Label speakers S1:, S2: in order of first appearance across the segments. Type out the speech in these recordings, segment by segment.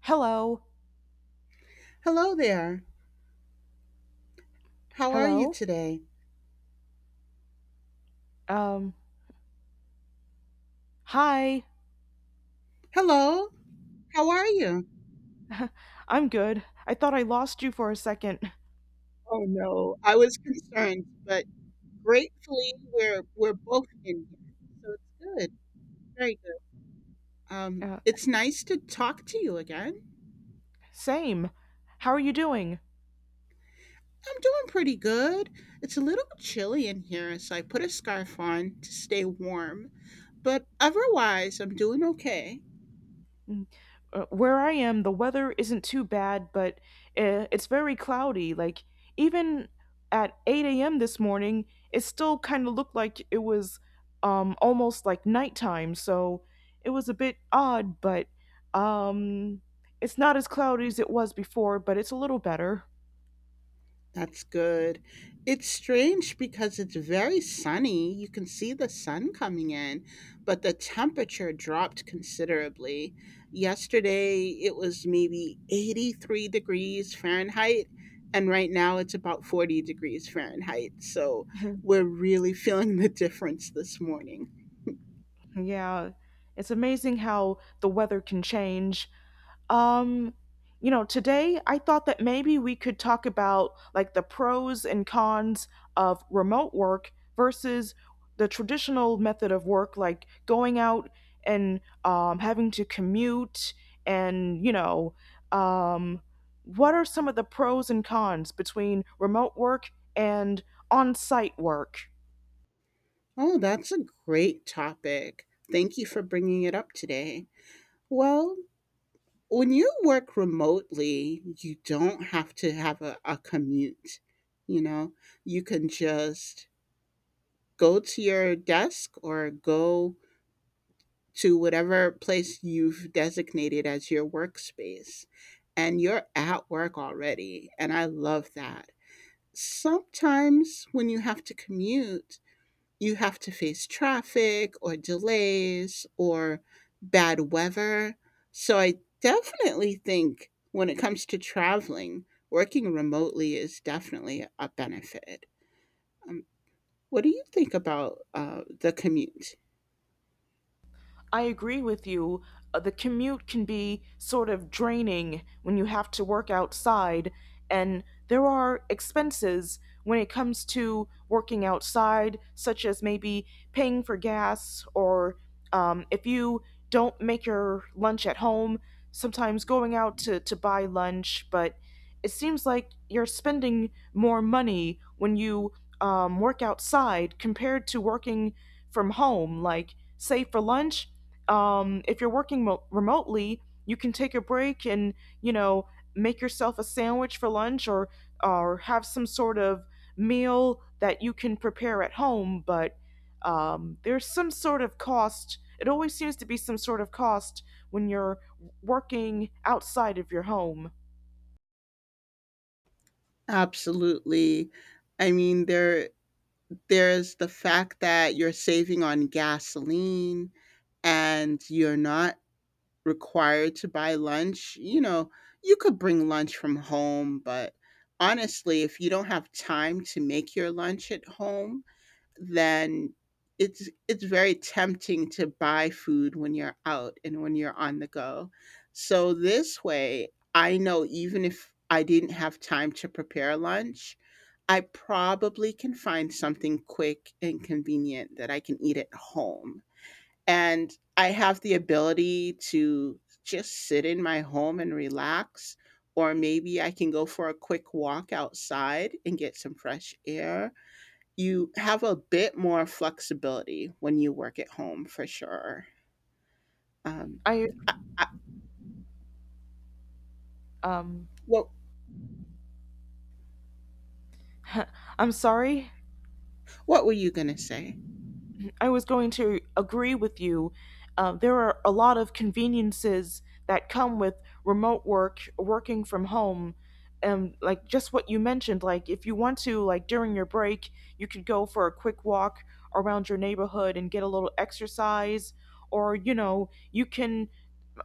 S1: Hello.
S2: Hello there. How are you
S1: Hello.
S2: today?
S1: Um, Hi.
S2: Hello. How are you?
S1: I'm good. I thought I lost you for a second.
S2: Oh no, I was concerned, but gratefully we're both in here. So it's good. Very good. Um,
S1: Uh,
S2: it's nice to talk to you again.
S1: Same. How are you doing?
S2: I'm doing pretty good. It's a little chilly in here, so I put a scarf on to stay warm. But otherwise, I'm doing okay.
S1: Mm, where I am, the weather isn't too bad, but it's very cloudy. Like, even at 8 a.m. this morning, it still kind of looked like it was almost like nighttime, so it was a bit odd, but um, it's not as cloudy as it was before, but it's a little better.
S2: That's good. It's strange because it's very sunny. You can see the sun coming in, but the temperature dropped considerably. Yesterday, it was maybe 83 degrees Fahrenheit, and right now it's about 40 degrees Fahrenheit. So we're really feeling the difference this morning.
S1: Yeah, it's amazing how the weather can change. Um, you know, today I thought that maybe we could talk about like the pros and cons of remote work versus the traditional method of work, like going out and having to commute and, um, what are some of the pros and cons between remote work and on site work?
S2: Oh, that's a great topic. Thank you for bringing it up today. Well, when you work remotely, you don't have to have a commute. You know, you can just go to your desk or go to whatever place you've designated as your workspace, and you're at work already. And I love that. Sometimes when you have to commute, you have to face traffic or delays or bad weather. So I definitely think when it comes to traveling, working remotely is definitely a benefit. Um, what do you think about the commute?
S1: I agree with you. The commute can be sort of draining when you have to work outside, and there are expenses when it comes to working outside, such as maybe paying for gas, or if you don't make your lunch at home, sometimes going out to buy lunch, but it seems like you're spending more money when you work outside compared to working from home. Like, say for lunch, if you're working remotely, you can take a break and you know make yourself a sandwich for lunch or have some sort of meal that you can prepare at home. But there's some sort of cost. It always seems to be some sort of cost when you're working outside of your home.
S2: Absolutely. I mean, there's the fact that you're saving on gasoline and you're not required to buy lunch, you know, you could bring lunch from home, but honestly, if you don't have time to make your lunch at home, then it's very tempting to buy food when you're out and when you're on the go. So this way, I know even if I didn't have time to prepare lunch, I probably can find something quick and convenient that I can eat at home and I have the ability to just sit in my home and relax. Or maybe I can go for a quick walk outside and get some fresh air. You have a bit more flexibility when you work at home, for sure. Um,
S1: I
S2: I, I,
S1: um,
S2: what
S1: I'm sorry.
S2: what were you gonna say?
S1: I was going to agree with you. There are a lot of conveniences that come with remote work, working from home, and like just what you mentioned. Like if you want to, like during your break, you could go for a quick walk around your neighborhood and get a little exercise, or you know, you can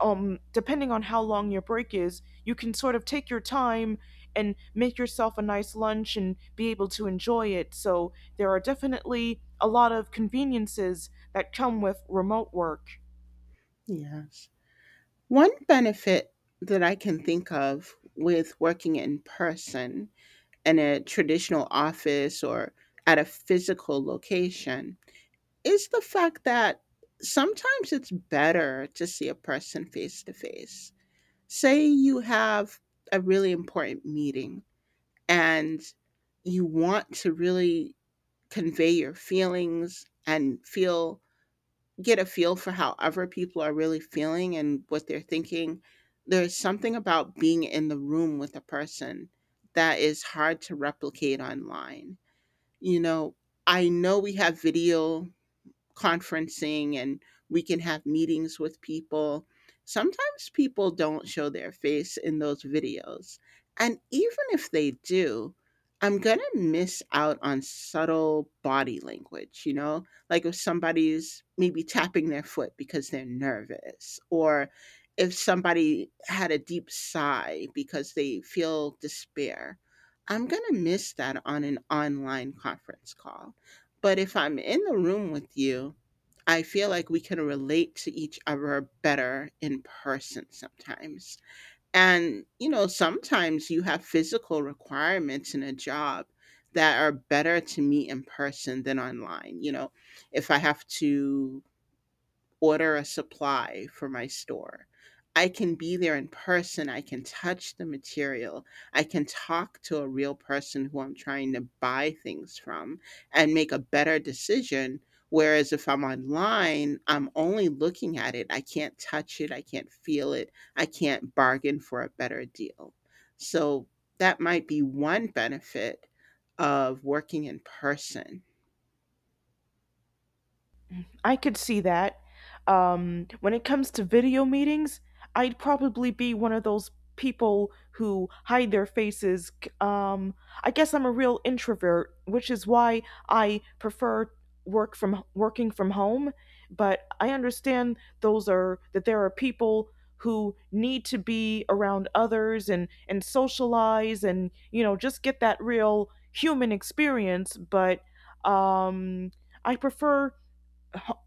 S1: depending on how long your break is, you can sort of take your time and make yourself a nice lunch and be able to enjoy it. So there are definitely a lot of conveniences that come with remote work.
S2: Yes, one benefit that I can think of with working in person in a traditional office or at a physical location is the fact that sometimes it's better to see a person face to face. Say you have a really important meeting and you want to really convey your feelings and feel get a feel for how other people are really feeling and what they're thinking. There's something about being in the room with a person that is hard to replicate online. You know, I know we have video conferencing and we can have meetings with people. Sometimes people don't show their face in those videos. And even if they do, I'm going to miss out on subtle body language, you know? Like if somebody's maybe tapping their foot because they're nervous, or if somebody had a deep sigh because they feel despair. I'm going to miss that on an online conference call. But if I'm in the room with you, I feel like we can relate to each other better in person sometimes. And, you know, sometimes you have physical requirements in a job that are better to meet in person than online. You know, if I have to order a supply for my store. I can be there in person. I can touch the material. I can talk to a real person who I'm trying to buy things from and make a better decision. Whereas if I'm online, I'm only looking at it. I can't touch it. I can't feel it. I can't bargain for a better deal. So that might be one benefit of working in person.
S1: I could see that. When it comes to video meetings, I'd probably be one of those people who hide their faces. Um, I guess I'm a real introvert, which is why I prefer working from home. But I understand those are that there are people who need to be around others and socialize and you know just get that real human experience. But um, I prefer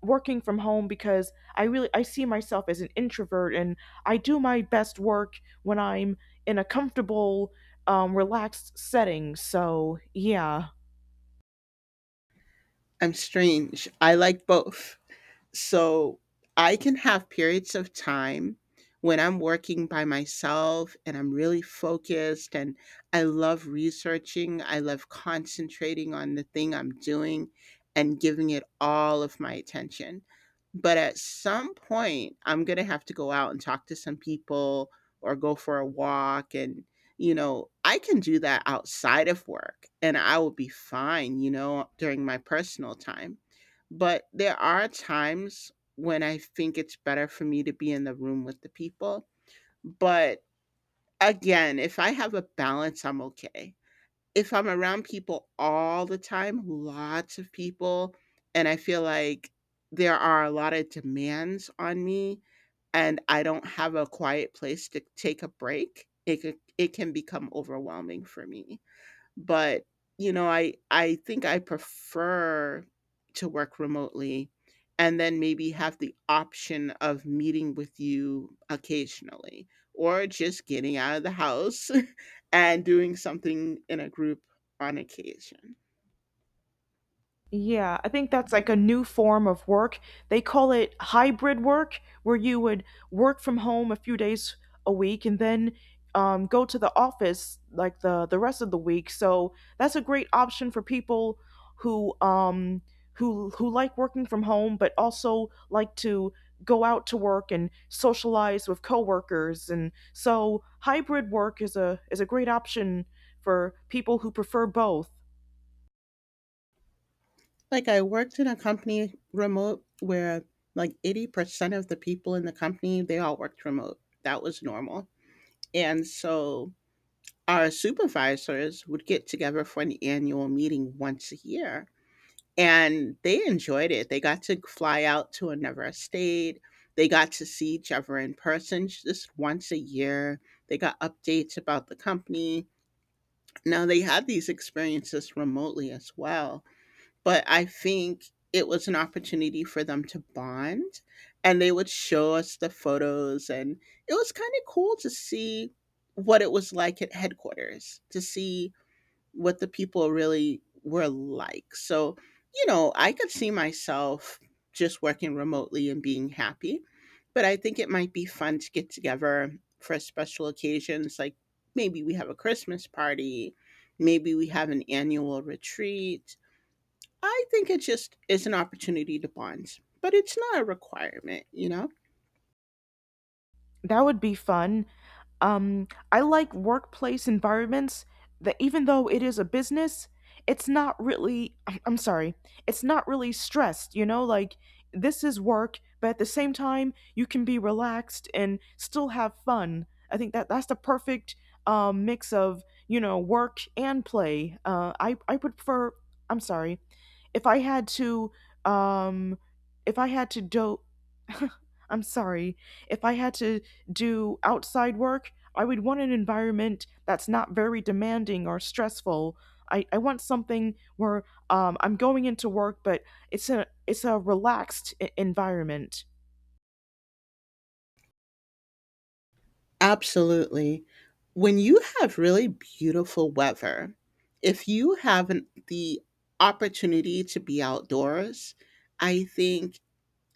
S1: working from home because I see myself as an introvert and I do my best work when I'm in a comfortable relaxed setting. So, yeah.
S2: I'm strange. I like both. So I can have periods of time when I'm working by myself and I'm really focused and I love researching, I love concentrating on the thing I'm doing and giving it all of my attention. But at some point, I'm going to have to go out and talk to some people or go for a walk and you know, I can do that outside of work and I will be fine, you know, during my personal time but there are times when I think it's better for me to be in the room with the people. But again, if I have a balance, I'm okay. If I'm around people all the time, lots of people, and I feel like there are a lot of demands on me and I don't have a quiet place to take a break, it can become overwhelming for me. But, you know, I think I prefer to work remotely and then maybe have the option of meeting with you occasionally or just getting out of the house and doing something in a group on occasion.
S1: Yeah, I think that's like a new form of work. They call it hybrid work, where you would work from home a few days a week and then go to the office like the rest of the week. So that's a great option for people who like working from home, but also like to go out to work and socialize with coworkers. And so hybrid work is a great option for people who prefer both.
S2: Like I worked in a company remote where like 80% of the people in the company, they all worked remote. That was normal. And so our supervisors would get together for an annual meeting once a year. And they enjoyed it. They got to fly out to another state. They got to see each other in person just once a year. They got updates about the company. Now they had these experiences remotely as well, but I think it was an opportunity for them to bond and they would show us the photos and it was kind of cool to see what it was like at headquarters to see what the people really were like. So, you know, I could see myself just working remotely and being happy, but I think it might be fun to get together for special occasions like maybe we have a Christmas party, maybe we have an annual retreat. I think it just is an opportunity to bond, but it's not a requirement, you know?
S1: That would be fun. I like workplace environments that even though it is a business, it's not really, I'm sorry, it's not really stressed, you know? Like, this is work, but at the same time, you can be relaxed and still have fun. I think that that's the perfect mix of, you know, work and play. I'm sorry, if I had to, um, if I had to do, I'm sorry. If I had to do outside work, I would want an environment that's not very demanding or stressful. I want something where I'm going into work, but it's a relaxed environment.
S2: Absolutely. When you have really beautiful weather, if you have the opportunity to be outdoors, I think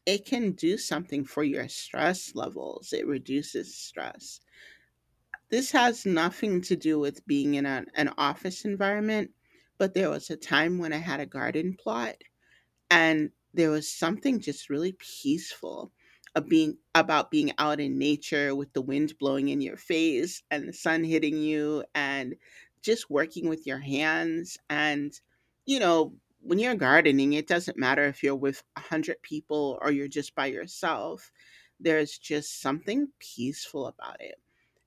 S2: it can do something for your stress levels. It reduces stress. This has nothing to do with being in an office environment, but there was a time when I had a garden plot and there was something just really peaceful of being about being out in nature with the wind blowing in your face and the sun hitting you and just working with your hands and you know when you're gardening it doesn't matter if you're with 100 people or you're just by yourself. There's just something peaceful about it.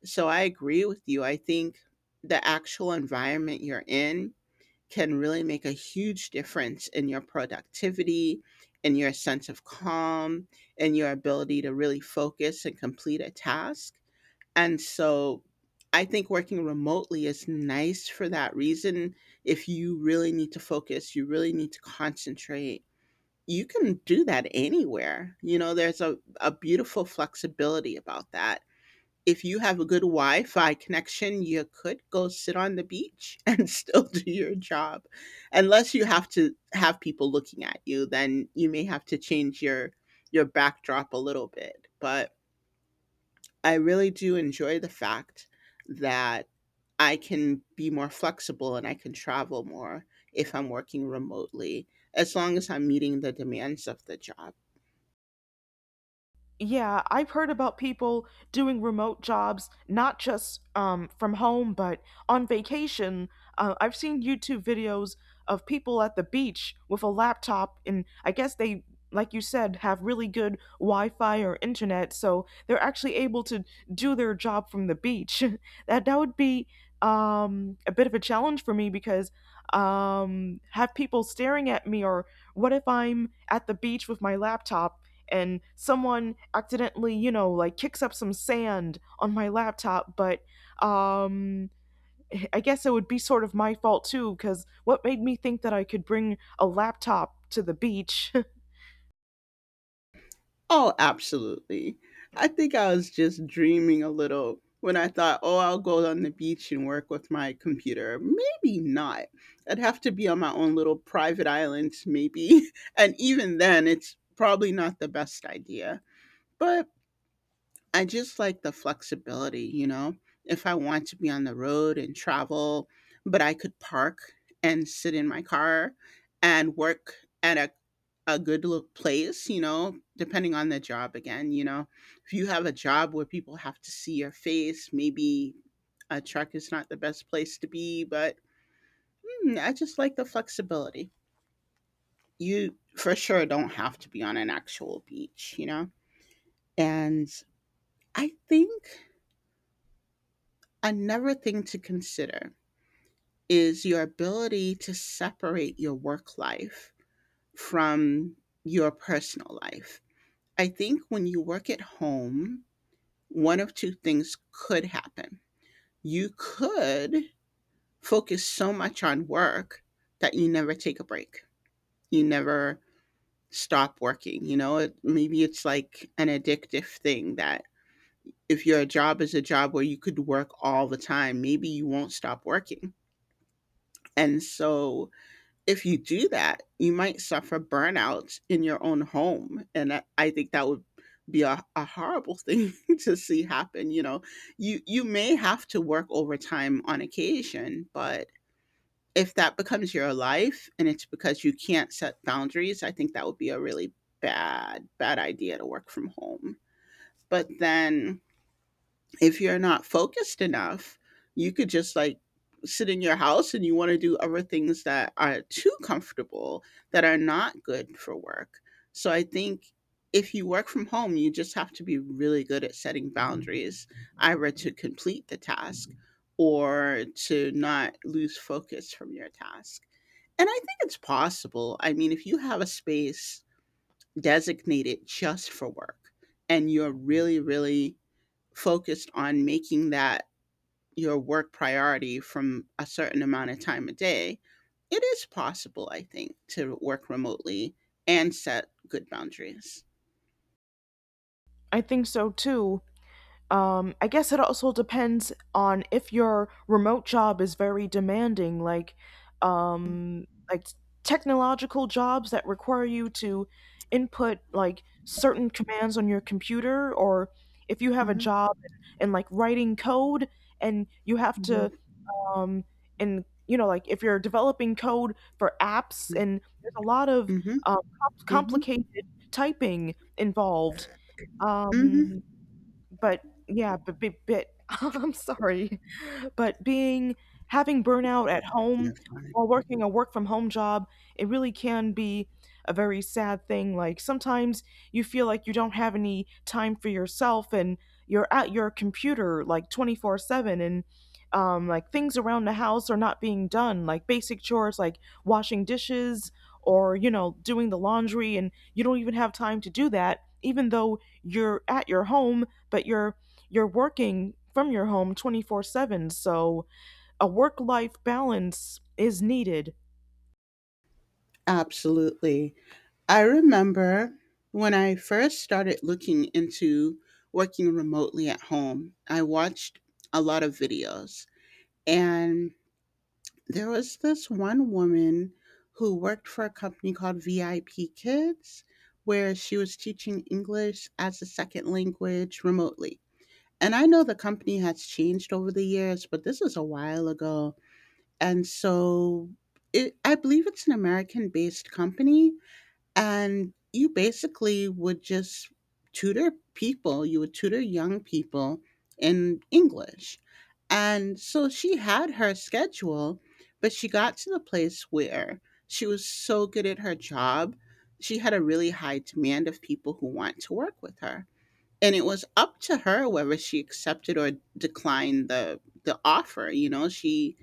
S2: So I agree with you. I think the actual environment you're in can really make a huge difference in your productivity, in your sense of calm, in your ability to really focus and complete a task. And so I think working remotely is nice for that reason. If you really need to focus, you really need to concentrate, you can do that anywhere. You know, there's a beautiful flexibility about that. If you have a good Wi-Fi connection, you could go sit on the beach and still do your job. Unless you have to have people looking at you, then you may have to change your backdrop a little bit. But I really do enjoy the fact that I can be more flexible and I can travel more if I'm working remotely, as long as I'm meeting the demands of the job.
S1: Yeah, I've heard about people doing remote jobs, not just from home, but on vacation. I've seen YouTube videos of people at the beach with a laptop, and I guess they, like you said, have really good Wi Fi or internet, so they're actually able to do their job from the beach. That, that would be a bit of a challenge for me because have people staring at me, or what if I'm at the beach with my laptop? And someone accidentally, you know, like kicks up some sand on my laptop, but um I guess it would be sort of my fault too cuz what made me think that I could bring a laptop to the beach?
S2: Oh, absolutely. I think I was just dreaming a little when I thought, oh, I'll go on the beach and work with my computer. Maybe not. I'd have to be on my own little private island, maybe. And even then, it's probably not the best idea. But I just like the flexibility, you know? If I want to be on the road and travel, but I could park and sit in my car and work at a good lo- place, you know, depending on the job again, you know. If you have a job where people have to see your face, maybe a truck is not the best place to be, but I just like the flexibility. You for sure don't have to be on an actual beach, you know. And I think another thing to consider is your ability to separate your work life from your personal life. I think when you work at home, one of two things could happen. You could focus so much on work that you never take a break. You never stop working. You know, maybe it's like an addictive thing that if your job is a job where you could work all the time, maybe you won't stop working. And so if you do that, you might suffer burnout in your own home. I think that would be a horrible thing to see happen. You know, you may have to work overtime on occasion, but if that becomes your life and it's because you can't set boundaries, I think that would be a really bad, bad idea to work from home. But then if you're not focused enough, you could just like sit in your house and you want to do other things that are too comfortable that are not good for work. So I think if you work from home, you just have to be really good at setting boundaries, either to complete the task or to not lose focus from your task. And I think it's possible. I mean, if you have a space designated just for work and you're really, really focused on making that your work priority from a certain amount of time a day, it is possible, I think, to work remotely and set good boundaries.
S1: I think so too. I guess it also depends on if your remote job is very demanding, like um, like technological jobs that require you to input like certain commands on your computer, or if you have a
S2: Mhm,
S1: job in like writing code and you have to
S2: mhm,
S1: um, and you know like if you're developing code for apps
S2: mhm,
S1: and there's a lot of
S2: mhm, mhm,
S1: complicated typing involved.
S2: mhm.
S1: Um, but I'm sorry, but being having burnout at home
S2: Fine.
S1: while working a work from home job, it really can be a very sad thing. Like sometimes you feel like you don't have any time for yourself and you're at your computer like 24/7 and like things around the house are not being done, like basic chores like washing dishes or you know doing the laundry and you don't even have time to do that even though you're at your home but you're working from your home 24/7, so a work life balance is needed.
S2: Absolutely. I remember when I first started looking into working remotely at home, I watched a lot of videos and there was this one woman who worked for a company called VIP Kids, where she was teaching English as a second language remotely. And I know the company has changed over the years, but this is a while ago. And so it, I believe it's an American based company, and you basically would just tutor people, you would tutor young people in English. And so she had her schedule, but she got to the place where she was so good at her job. She had a really high demand of people who want to work with her, and it was up to her whether she accepted or declined the offer. She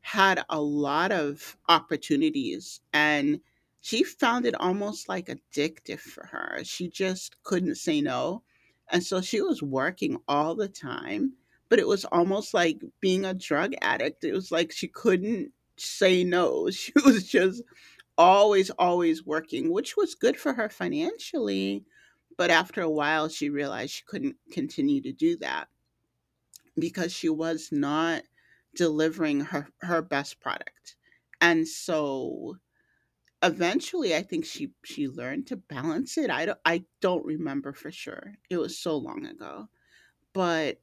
S2: had a lot of opportunities, and she found it almost like addictive for her. She just couldn't say no, and so she was working all the time, but it was almost like being a drug addict. It was like she couldn't say no. She was just always, always working, which was good for her financially, but after a while she realized she couldn't continue to do that because she was not delivering her best product. And so eventually I think she learned to balance it. I don't remember for sure. It was so long ago. But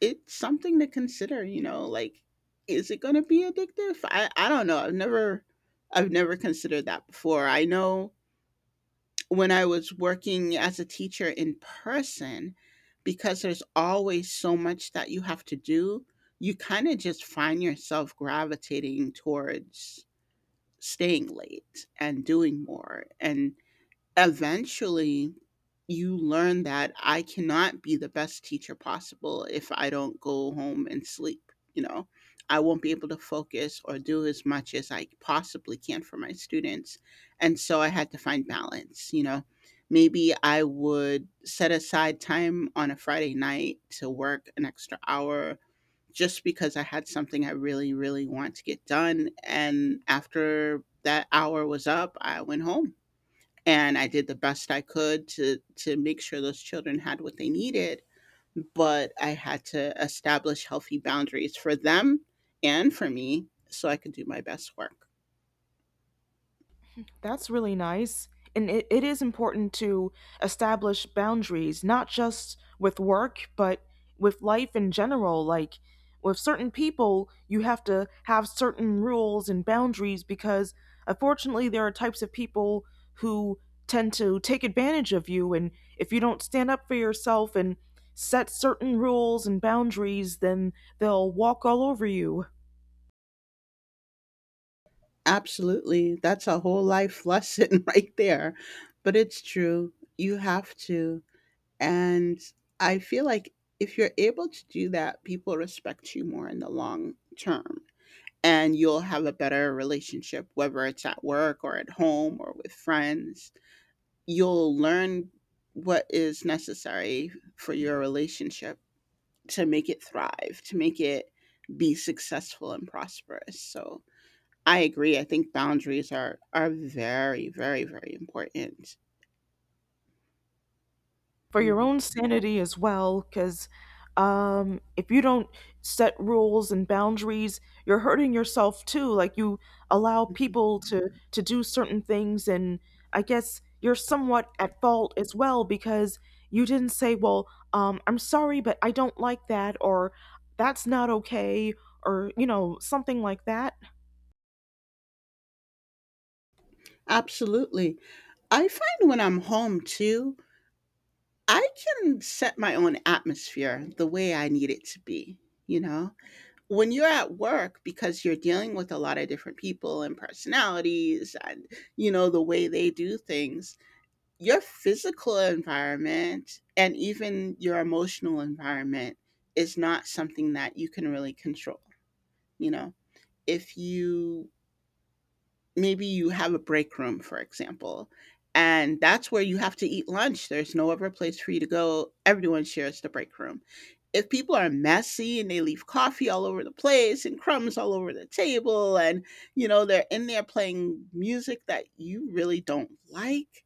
S2: it's something to consider, like, is it going to be addictive? I don't know. I've never considered that before. I know when I was working as a teacher in person, because there's always so much that you have to do, you kind of just find yourself gravitating towards staying late and doing more. And eventually you learn that I cannot be the best teacher possible if I don't go home and sleep. I won't be able to focus or do as much as I possibly can for my students. And so I had to find balance. Maybe I would set aside time on a Friday night to work an extra hour, just because I had something I really, really want to get done. And after that hour was up, I went home and I did the best I could to make sure those children had what they needed, but I had to establish healthy boundaries for them and for me so I could do my best work.
S1: That's really nice. And it is important to establish boundaries, not just with work, but with life in general. Like with certain people, you have to have certain rules and boundaries because unfortunately, there are types of people who tend to take advantage of you. And if you don't stand up for yourself and set certain rules and boundaries, then they'll walk all over you.
S2: Absolutely. That's a whole life lesson right there. But it's true. You have to. And I feel like if you're able to do that, people respect you more in the long term. And you'll have a better relationship, whether it's at work or at home or with friends. You'll learn what is necessary for your relationship to make it thrive, to make it be successful and prosperous. So I agree. I think boundaries are very, very, very important.
S1: For your
S2: Mhm.
S1: own sanity as well because if you don't set rules and boundaries, you're hurting yourself too, like you allow
S2: Mhm.
S1: people to do certain things and I guess you're somewhat at fault as well because you didn't say well, I'm sorry but I don't like that, or that's not okay, or you know something like that.
S2: Absolutely. I find when I'm home too, I can set my own atmosphere the way I need it to be, you know? When you're at work, because you're dealing with a lot of different people and personalities, and you know the way they do things, your physical environment and even your emotional environment is not something that you can really control. You know, if you, maybe you have a break room, for example, and that's where you have to eat lunch, there's no other place for you to go, everyone shares the break room. If people are messy and they leave coffee all over the place and crumbs all over the table, and you know they're in there playing music that you really don't like,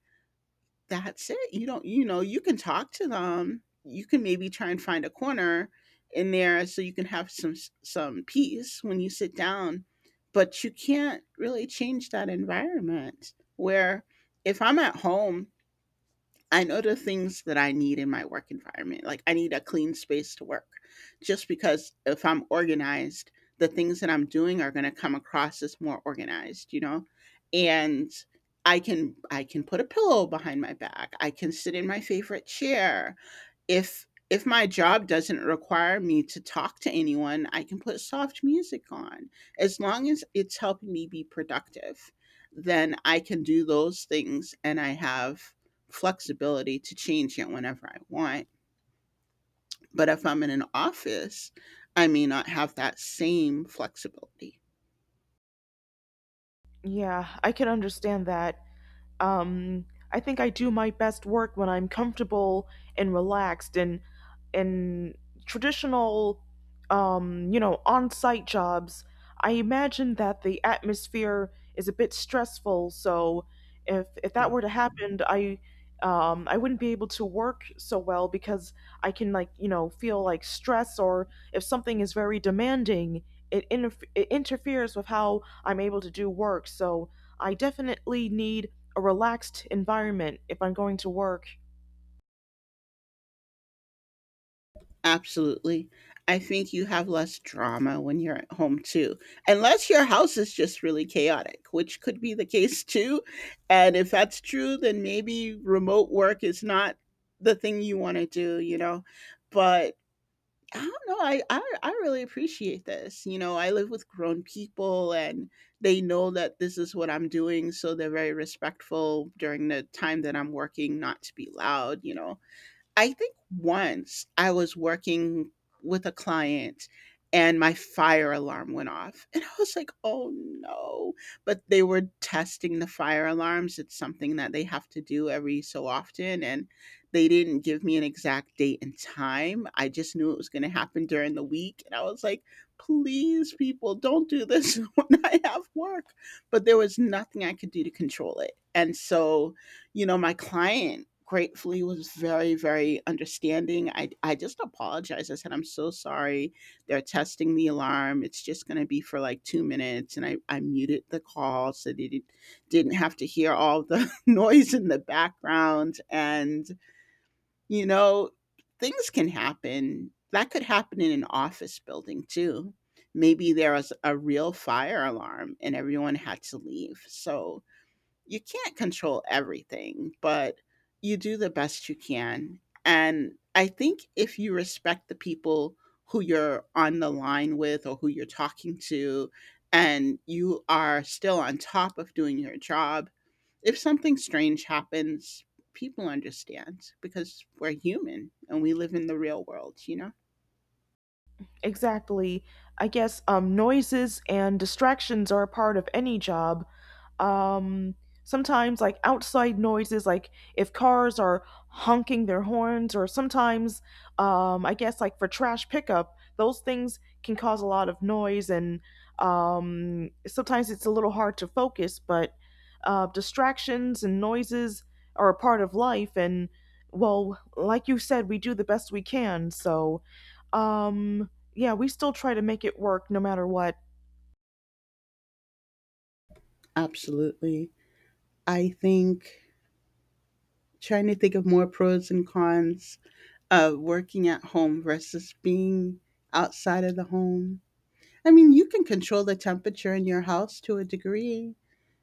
S2: that's it. You don't, you know, you can talk to them, you can maybe try and find a corner in there so you can have some peace when you sit down. But you can't really change that environment, where if I'm at home, I know the things that I need in my work environment. Like I need a clean space to work, just because if I'm organized, the things that I'm doing are going to come across as more organized, you know? And I can put a pillow behind my back. I can sit in my favorite chair. If my job doesn't require me to talk to anyone, I can put soft music on, as long as it's helping me be productive. Then I can do those things, and I have flexibility to change it whenever I want. But if I'm in an office, I may not have that same flexibility.
S1: Yeah, I can understand that. Um, I think I do my best work when I'm comfortable and relaxed and in traditional you know, on-site jobs, I imagine that the atmosphere is a bit stressful, so if that
S2: Yeah.
S1: were to happen, I wouldn't be able to work so well because I can like, you know, feel like stress or if something is very demanding, it interferes with how I'm able to do work. So I definitely need a relaxed environment if I'm going to work.
S2: Absolutely. I think you have less drama when you're at home too, unless your house is just really chaotic, which could be the case too. And if that's true, then maybe remote work is not the thing you want to do, you know? But I don't know. I really appreciate this. You know, I live with grown people, and they know that this is what I'm doing, so they're very respectful during the time that I'm working, not to be loud, you know? I think once I was working with a client, and my fire alarm went off. And I was like, oh no. But they were testing the fire alarms. It's something that they have to do every so often. And they didn't give me an exact date and time. I just knew it was going to happen during the week. And I was like, please, people, don't do this when I have work. But there was nothing I could do to control it. And so, you know, my client gratefully was very, very understanding. I just apologized. I said, I'm so sorry. They're testing the alarm. It's just going to be for like 2 minutes. And I muted the call so they didn't have to hear all the noise in the background. And, you know, things can happen. That could happen in an office building too. Maybe there was a real fire alarm and everyone had to leave. So, you can't control everything, but you do the best you can. And I think if you respect the people who you're on the line with or who you're talking to, and you are still on top of doing your job, if something strange happens, people understand because we're human and we live in the real world, you know?
S1: Exactly. I guess noises and distractions are a part of any job. Um, Sometimes, like outside noises, like if cars are honking their horns, or sometimes, I guess, like for trash pickup, those things can cause a lot of noise, and sometimes it's a little hard to focus, but distractions and noises are a part of life, and well, like you said, we do the best we can, so. Um, yeah, we still try to make it work no matter what.
S2: Absolutely. I think, trying to think of more pros and cons of working at home versus being outside of the home. I mean, you can control the temperature in your house to a degree.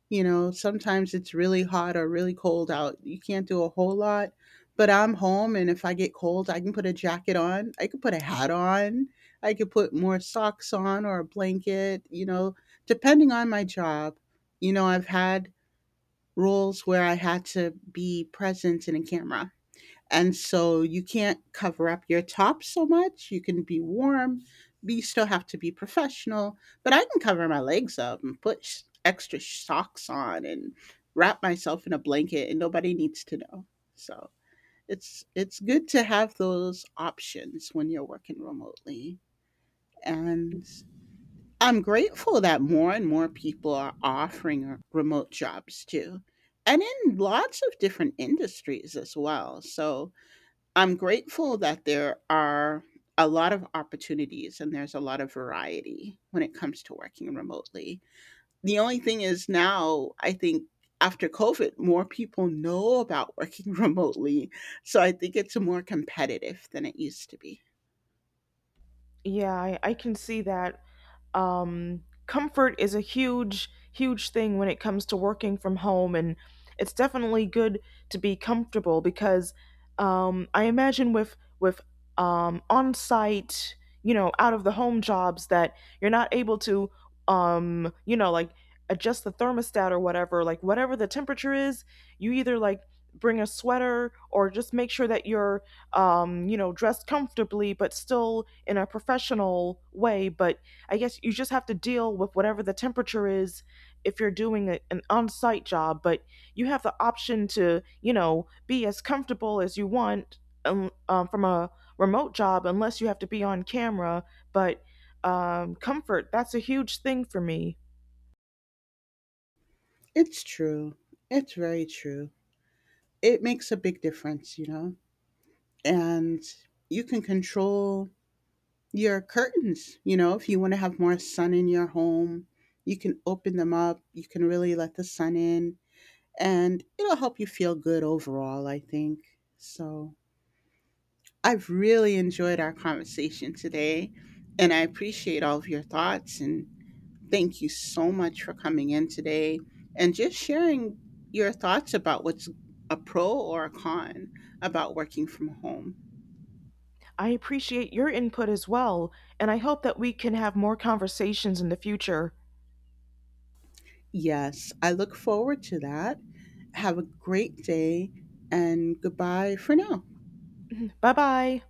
S2: You know, sometimes it's really hot or really cold out. You can't do a whole lot, but I'm home and if I get cold, I can put a jacket on. I could put a hat on. I could put more socks on or a blanket, you know, depending on my job. You know, I've had roles where I had to be present in a camera, and so you can't cover up your top so much. You can be warm, but you still have to be professional. But I can cover my legs up and put extra socks on and wrap myself in a blanket, and nobody needs to know. So it's good to have those options when you're working remotely. And I'm grateful that more and more people are offering remote jobs too, and in lots of different industries as well. So I'm grateful that there are a lot of opportunities, and there's a lot of variety when it comes to working remotely. The only thing is now, I think after COVID, more people know about working remotely. So I think it's more competitive than it used to be.
S1: Yeah, I can see that. Comfort is a huge, huge thing when it comes to working from home, and it's definitely good to be comfortable because I imagine with on site, you know, out of the home jobs that you're not able to, you know, like adjust the thermostat or whatever, like whatever the temperature is, you either like bring a sweater or just make sure that you're you know, dressed comfortably, but still in a professional way. But I guess you just have to deal with whatever the temperature is if you're doing a, an on site job. But you have the option to, you know, be as comfortable as you want from a remote job, unless you have to be on camera. But comfort, that's a huge thing for me.
S2: It's true. It's very true. It makes a big difference, you know? And you can control your curtains. You know, if you want to have more sun in your home, you can open them up. You can really let the sun in, and it'll help you feel good overall, I think. So, I've really enjoyed our conversation today, and I appreciate all of your thoughts. And thank you so much for coming in today and just sharing your thoughts about what's a pro or a con about working from home.
S1: I appreciate your input as well, and I hope that we can have more conversations in the future.
S2: Yes, I look forward to that. Have a great day and goodbye for now.
S1: Bye bye.